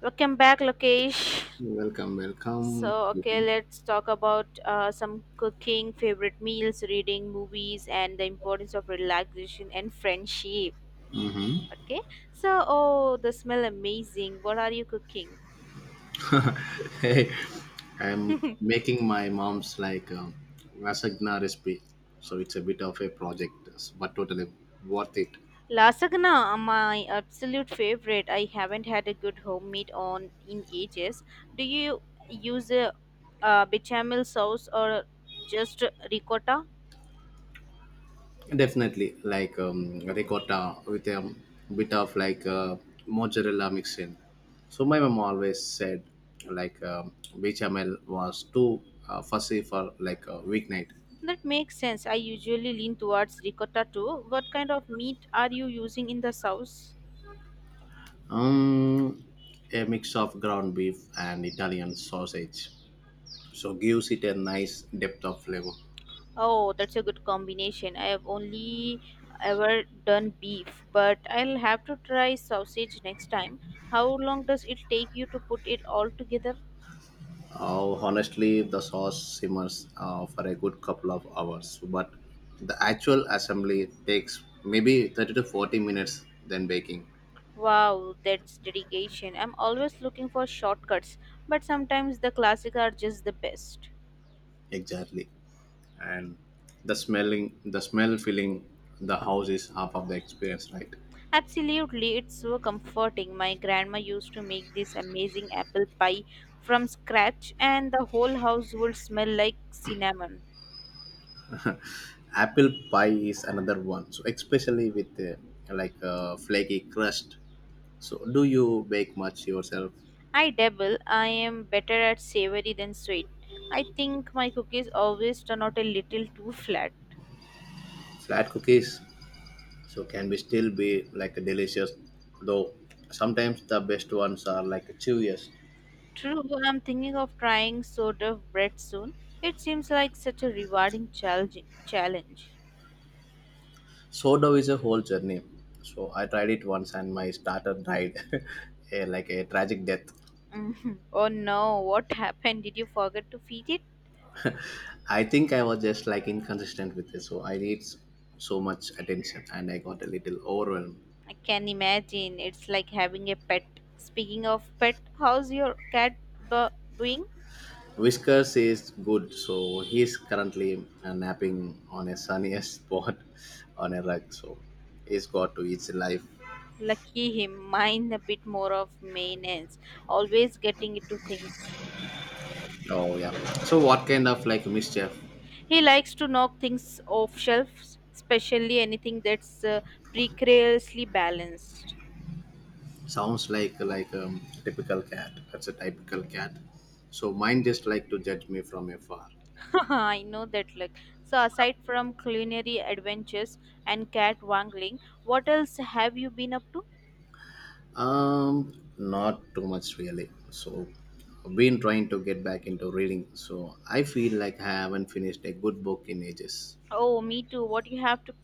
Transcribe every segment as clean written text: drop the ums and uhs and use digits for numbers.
Welcome back, Lokesh. Welcome, welcome. So, okay, let's talk about some cooking, favorite meals, reading, movies, and the importance of relaxation and friendship. Okay, so oh, the smell amazing. What are you cooking? Hey, I'm making my mom's lasagna recipe, so it's a bit of a project, but totally worth it. Lasagna, my absolute favorite. I haven't had a good homemade on in ages. Do you use a bechamel sauce or just ricotta? Definitely, ricotta with a bit of mozzarella mix in. So my mom always said bechamel was too fussy for like a weeknight. That makes sense. I usually lean towards ricotta too. What kind of meat are you using in the sauce? Um, a mix of ground beef and Italian sausage, so gives it a nice depth of flavor. Oh, that's a good combination. I have only ever done beef, but I'll have to try sausage next time. How long does it take you to put it all together? Honestly, the sauce simmers for a good couple of hours, but the actual assembly takes maybe 30 to 40 minutes than baking. Wow, that's dedication. I'm always looking for shortcuts, but sometimes the classic are just the best. Exactly. And the smell filling the house is half of the experience, right? Absolutely, it's so comforting. My grandma used to make this amazing apple pie from scratch, and the whole house would smell like cinnamon. Apple pie is another one. So especially with like a flaky crust. So do you bake much yourself? I dabble, I am better at savory than sweet. I think my cookies always turn out a little too flat. Flat cookies so can be still be like delicious, though sometimes the best ones are like chewiest. True, I'm thinking of trying sort of bread soon. It seems like such a rewarding challenge. Sourdough is a whole journey, so I tried it once and my starter died, a, like a tragic death. Oh no, what happened? Did you forget to feed it? I think I was just like inconsistent with it, so so much attention and I got a little overwhelmed. I can imagine. It's like having a pet. Speaking of pet, how's your cat doing? Whiskers is good, so he's currently napping on a sunniest spot on a rug, so he's got to eat life. Lucky him. Mine a bit more of maintenance. Always getting into things. Oh yeah, so what kind of like mischief? He likes to knock things off shelves, especially anything that's precariously balanced. Sounds like typical cat. That's a typical cat. So mine just like to judge me from afar. I know that look. So aside from culinary adventures and cat wrangling, what else have you been up to? Not too much really. So I've been trying to get back into reading. So I feel like I haven't finished a good book in ages. Oh, me too. What you have to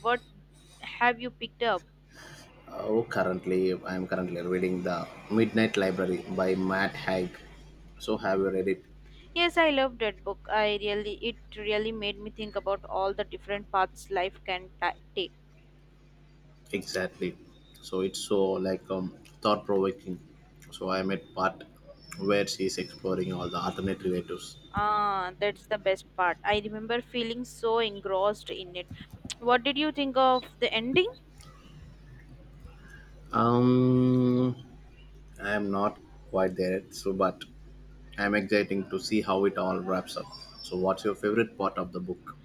what have you picked up? Oh, currently I'm currently reading the Midnight Library by Matt Haig. So have you read it? Yes, I love that book. I really, it really made me think about all the different paths life can ta take. Exactly. So it's so thought provoking. So I'm at part where she's exploring all the alternate relatives. Ah, that's the best part. I remember feeling so engrossed in it. What did you think of the ending? Um, I am not quite there yet, so but I'm exciting to see how it all wraps up. So, what's your favorite part of the book?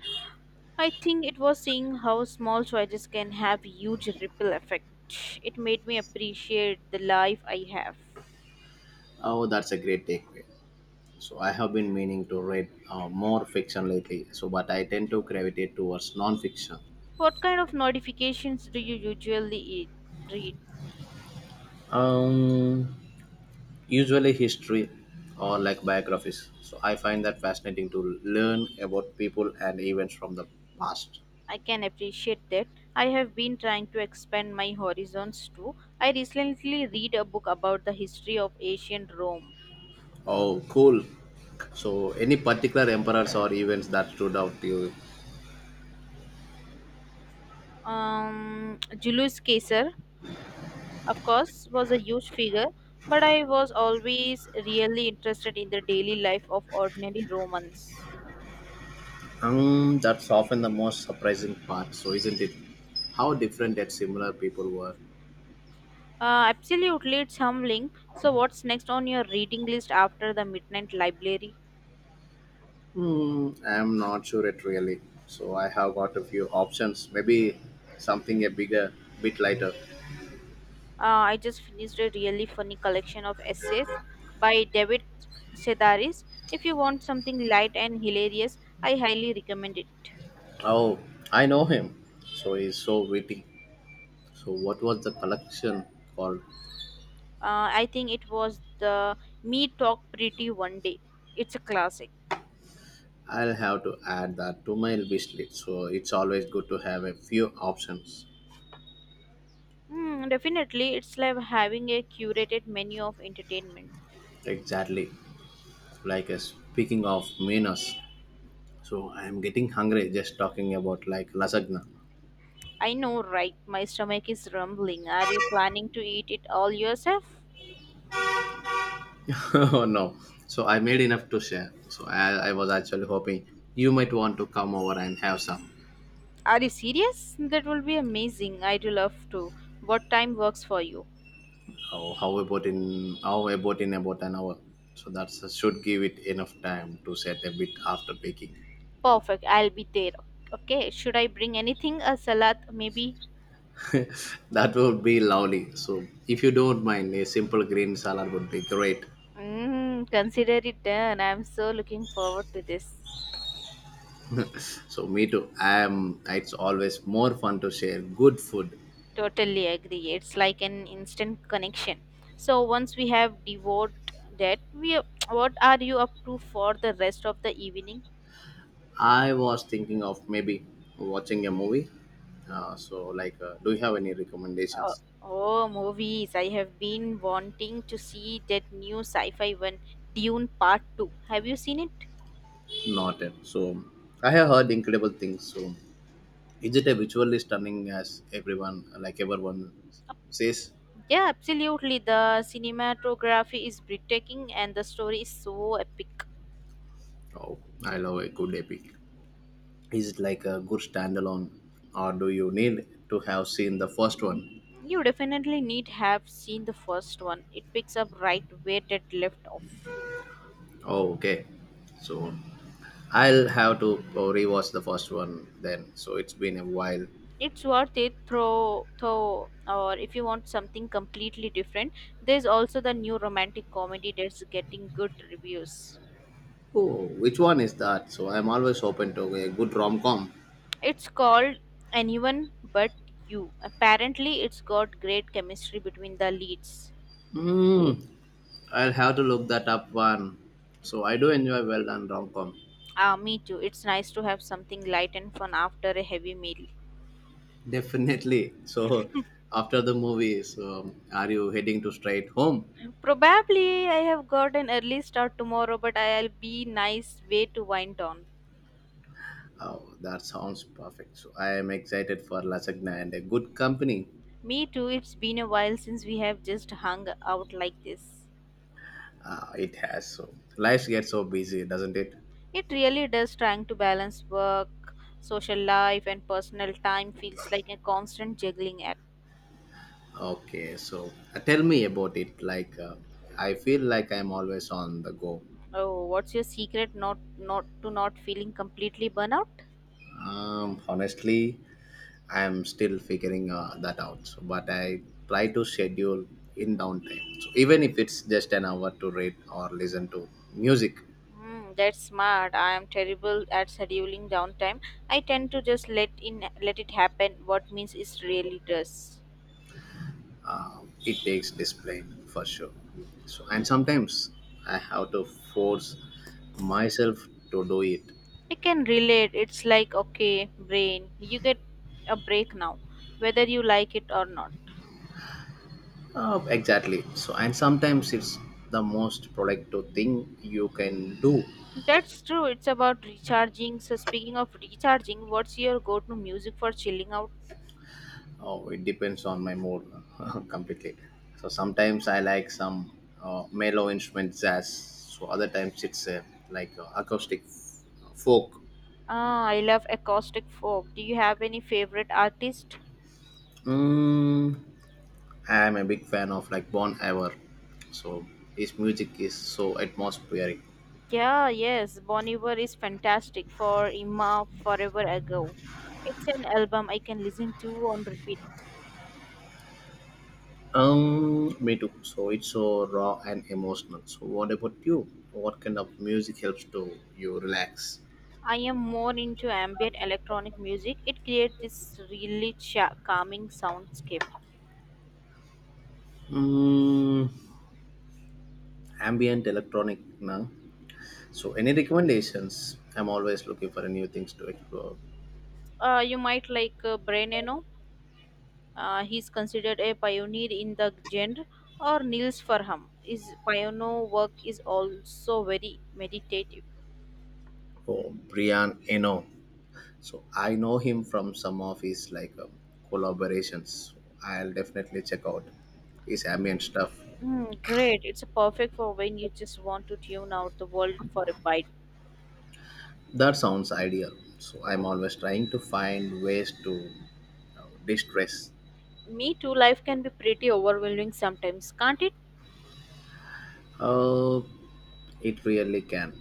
I think it was seeing how small choices can have huge ripple effect. It made me appreciate the life I have. Oh, that's a great takeaway. So, I have been meaning to read more fiction lately, so but I tend to gravitate towards non-fiction. What kind of notifications do you read? Um, Usually history or like biographies. So I find that fascinating to learn about people and events from the past. I can appreciate that. I have been trying to expand my horizons too. I recently read a book about the history of ancient Rome. Oh, cool. So any particular emperors or events that stood out to you? Julius Caesar, of course, was a huge figure, but I was always really interested in the daily life of ordinary Romans. That's often the most surprising part. So isn't it? How different that similar people were. Absolutely, it's humbling. So, what's next on your reading list after the Midnight Library? Hmm, I'm not sure it really. So I have got a few options. Maybe something a bigger, bit lighter. I just finished a really funny collection of essays by David Sedaris. If you want something light and hilarious, I highly recommend it. Oh, I know him. So he's so witty. So what was the collection called? I think it was the Me Talk Pretty One Day. It's a classic. I'll have to add that to my wish list. So it's always good to have a few options. Mm, definitely, it's like having a curated menu of entertainment. Exactly. Like speaking of menus, so I am getting hungry just talking about like lasagna. I know, right? My stomach is rumbling. Are you planning to eat it all yourself? Oh no. So I made enough to share. So I was actually hoping you might want to come over and have some. Are you serious? That will be amazing. I'd love to. What time works for you? Oh, how about in about an hour? So that should give it enough time to set a bit after baking. Perfect. I'll be there. Okay. Should I bring anything? A salad, maybe? That would be lovely. So, if you don't mind, a simple green salad would be great. Mm, consider it done. I'm so looking forward to this. So, me too. I am. It's always more fun to share good food. Totally agree. It's like an instant connection. So once we have devoured that, we what are you up to for the rest of the evening? I was thinking of maybe watching a movie. Do you have any Oh, recommendations? oh, movies. I have been wanting to see that new sci-fi one, Dune Part 2. Have you seen it? Not yet. So, I have heard incredible things. So, is it a visually stunning as everyone says? Yeah, absolutely. The cinematography is breathtaking and the story is so epic. Oh, I love a good epic. Is it like a good standalone, or do you need to have seen the first one? You definitely need have seen the first one. It picks up right where that left off. Oh, okay. So I'll have to rewatch the first one then. So it's been a while. It's worth it through though or if you want something completely different, there's also the new romantic comedy that's getting good reviews. Oh, which one is that? So I'm always open to a good rom com. It's called Anyone But You. Apparently it's got great chemistry between the leads. Mm, I'll have to look that up one. So I do enjoy well done rom com. Ah, me too. It's nice to have something light and fun after a heavy meal. Definitely. So after the movie, so are you heading to straight home? Probably I have got an early start tomorrow, but I'll be nice way to wind down. Oh, that sounds perfect. So I am excited for lasagna and a good company. Me too, it's been a while since we have just hung out like this. It has. So life gets so busy, doesn't it? It really does trying to balance work, social life and personal time feels like a constant juggling act. Okay, so tell me about it. Like, I feel like I'm always on the go. Oh, what's your secret not not to not feeling completely burnout? Honestly, I'm still figuring that out. So, but I try to schedule in downtime. So even if it's just an hour to read or listen to music. Mm, that's smart. I am terrible at scheduling downtime. I tend to just let it happen. What means it really does. It takes discipline for sure. So, and sometimes I have to force myself to do it. I can relate. It's like, okay, brain, you get a break now, whether you like it or not. Exactly. So, and sometimes it's the most productive thing you can do. That's true. It's about recharging. So, speaking of recharging, what's your go to music for chilling out? Oh, it depends on my mood completely. So sometimes I like some mellow instrument jazz. So other times it's acoustic folk. Ah, I love acoustic folk. Do you have any favorite artist? Mm, I am a big fan of like Bon Iver, so his music is so atmospheric. Yeah, yes, Bon Iver is fantastic for Emma Forever Ago. It's an album I can listen to on repeat. Me too. So it's so raw and emotional. So what about you? What kind of music helps to you relax? I am more into ambient electronic music. It creates this really calming soundscape. Mm, ambient electronic now. So any recommendations? I'm always looking for new things to explore. You might like Brennano. He's considered a pioneer in the genre, or Niels Farham. His pioneer work is also very meditative. Oh, Brian Eno. So I know him from some of his collaborations. So, I'll definitely check out his ambient stuff. Mm, great. It's perfect for when you just want to tune out the world for a bite. That sounds ideal. So I'm always trying to find ways to you know, distress. Me too, life can be pretty overwhelming sometimes, can't it? Uh, it really can.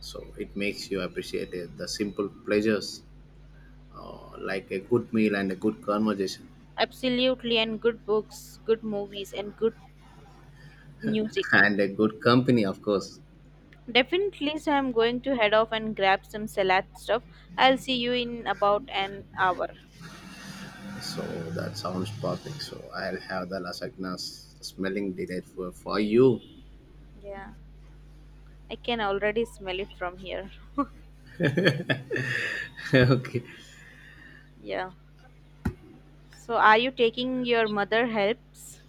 So it makes you appreciate it, the simple pleasures like a good meal and a good conversation. Absolutely, and good books, good movies, and good music. And a good company, of course. Definitely, so I'm going to head off and grab some salad stuff. I'll see you in about an hour. So that sounds perfect. So I'll have the lasagna smelling delight for you. Yeah. I can already smell it from here. Okay. Yeah. So, are you taking your mother helps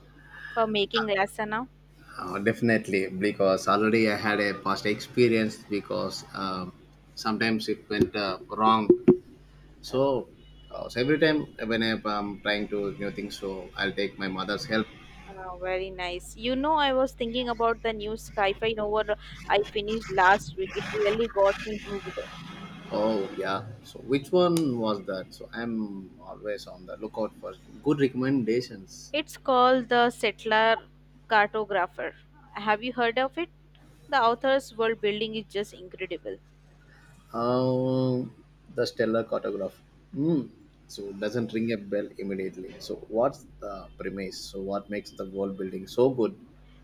for making lasagna? Definitely, because already I had a past experience because sometimes it went wrong. Uh, So, so every time when I am trying to you know things, so I'll take my mother's help. Very nice. You know, I was thinking about the new sci-fi novel I finished last week. It really got me hooked. Oh yeah. So which one was that? So I'm always on the lookout for good recommendations. It's called The Settler Cartographer. Have you heard of it? The author's world building is just incredible. Um, the stellar cartograph. Hmm. So doesn't ring a bell immediately. So what's the premise? So what makes the world building so good?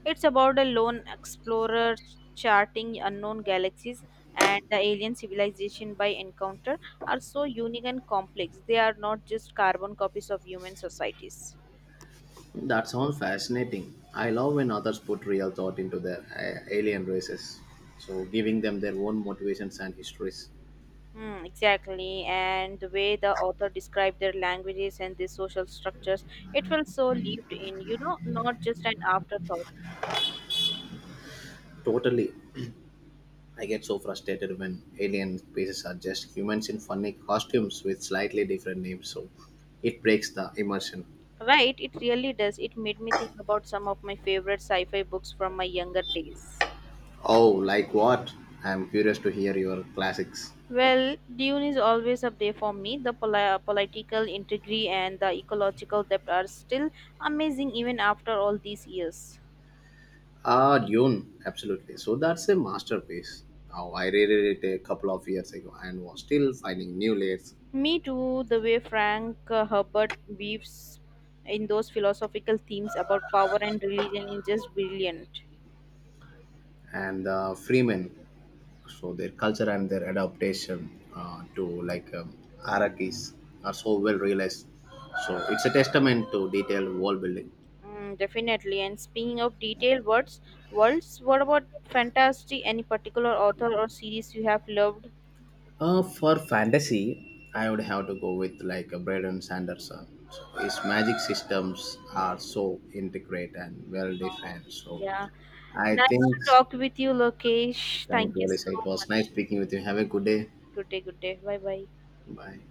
It's about a lone explorer charting unknown galaxies, and the alien civilization by encounter are so unique and complex. They are not just carbon copies of human societies. That sounds fascinating. I love when others put real thought into their alien races, so giving them their own motivations and histories. Hmm, exactly, and the way the author described their languages and their social structures, it felt so lived in, you know, not just an afterthought. Totally. I get so frustrated when alien species are just humans in funny costumes with slightly different names, so it breaks the immersion. Right, it really does. It made me think about some of my favorite sci fi books from my younger days. Oh, like what? I'm curious to hear your classics. Well, Dune is always up there for me. The political intrigue and the ecological depth are still amazing even after all these years. Ah, Dune, absolutely. So that's a masterpiece. Now, I reread it a couple of years ago and was still finding new layers. Me too, the way Frank Herbert weaves in those philosophical themes about power and religion is just brilliant. And Freeman, so their culture and their adaptation to Arakis are so well realized. So it's a testament to detailed world building. Mm, definitely. And speaking of worlds, what about fantasy? Any particular author or series you have loved? For fantasy, I would have to go with like a Braden Sanderson. So his magic systems are so intricate and well Um, defined. So yeah. I Nice think, to talk with you, Lokesh. thank Thank you, you Alyssa. so It was nice much. speaking with you. Have a good day. Good day, good day. Bye bye. Bye.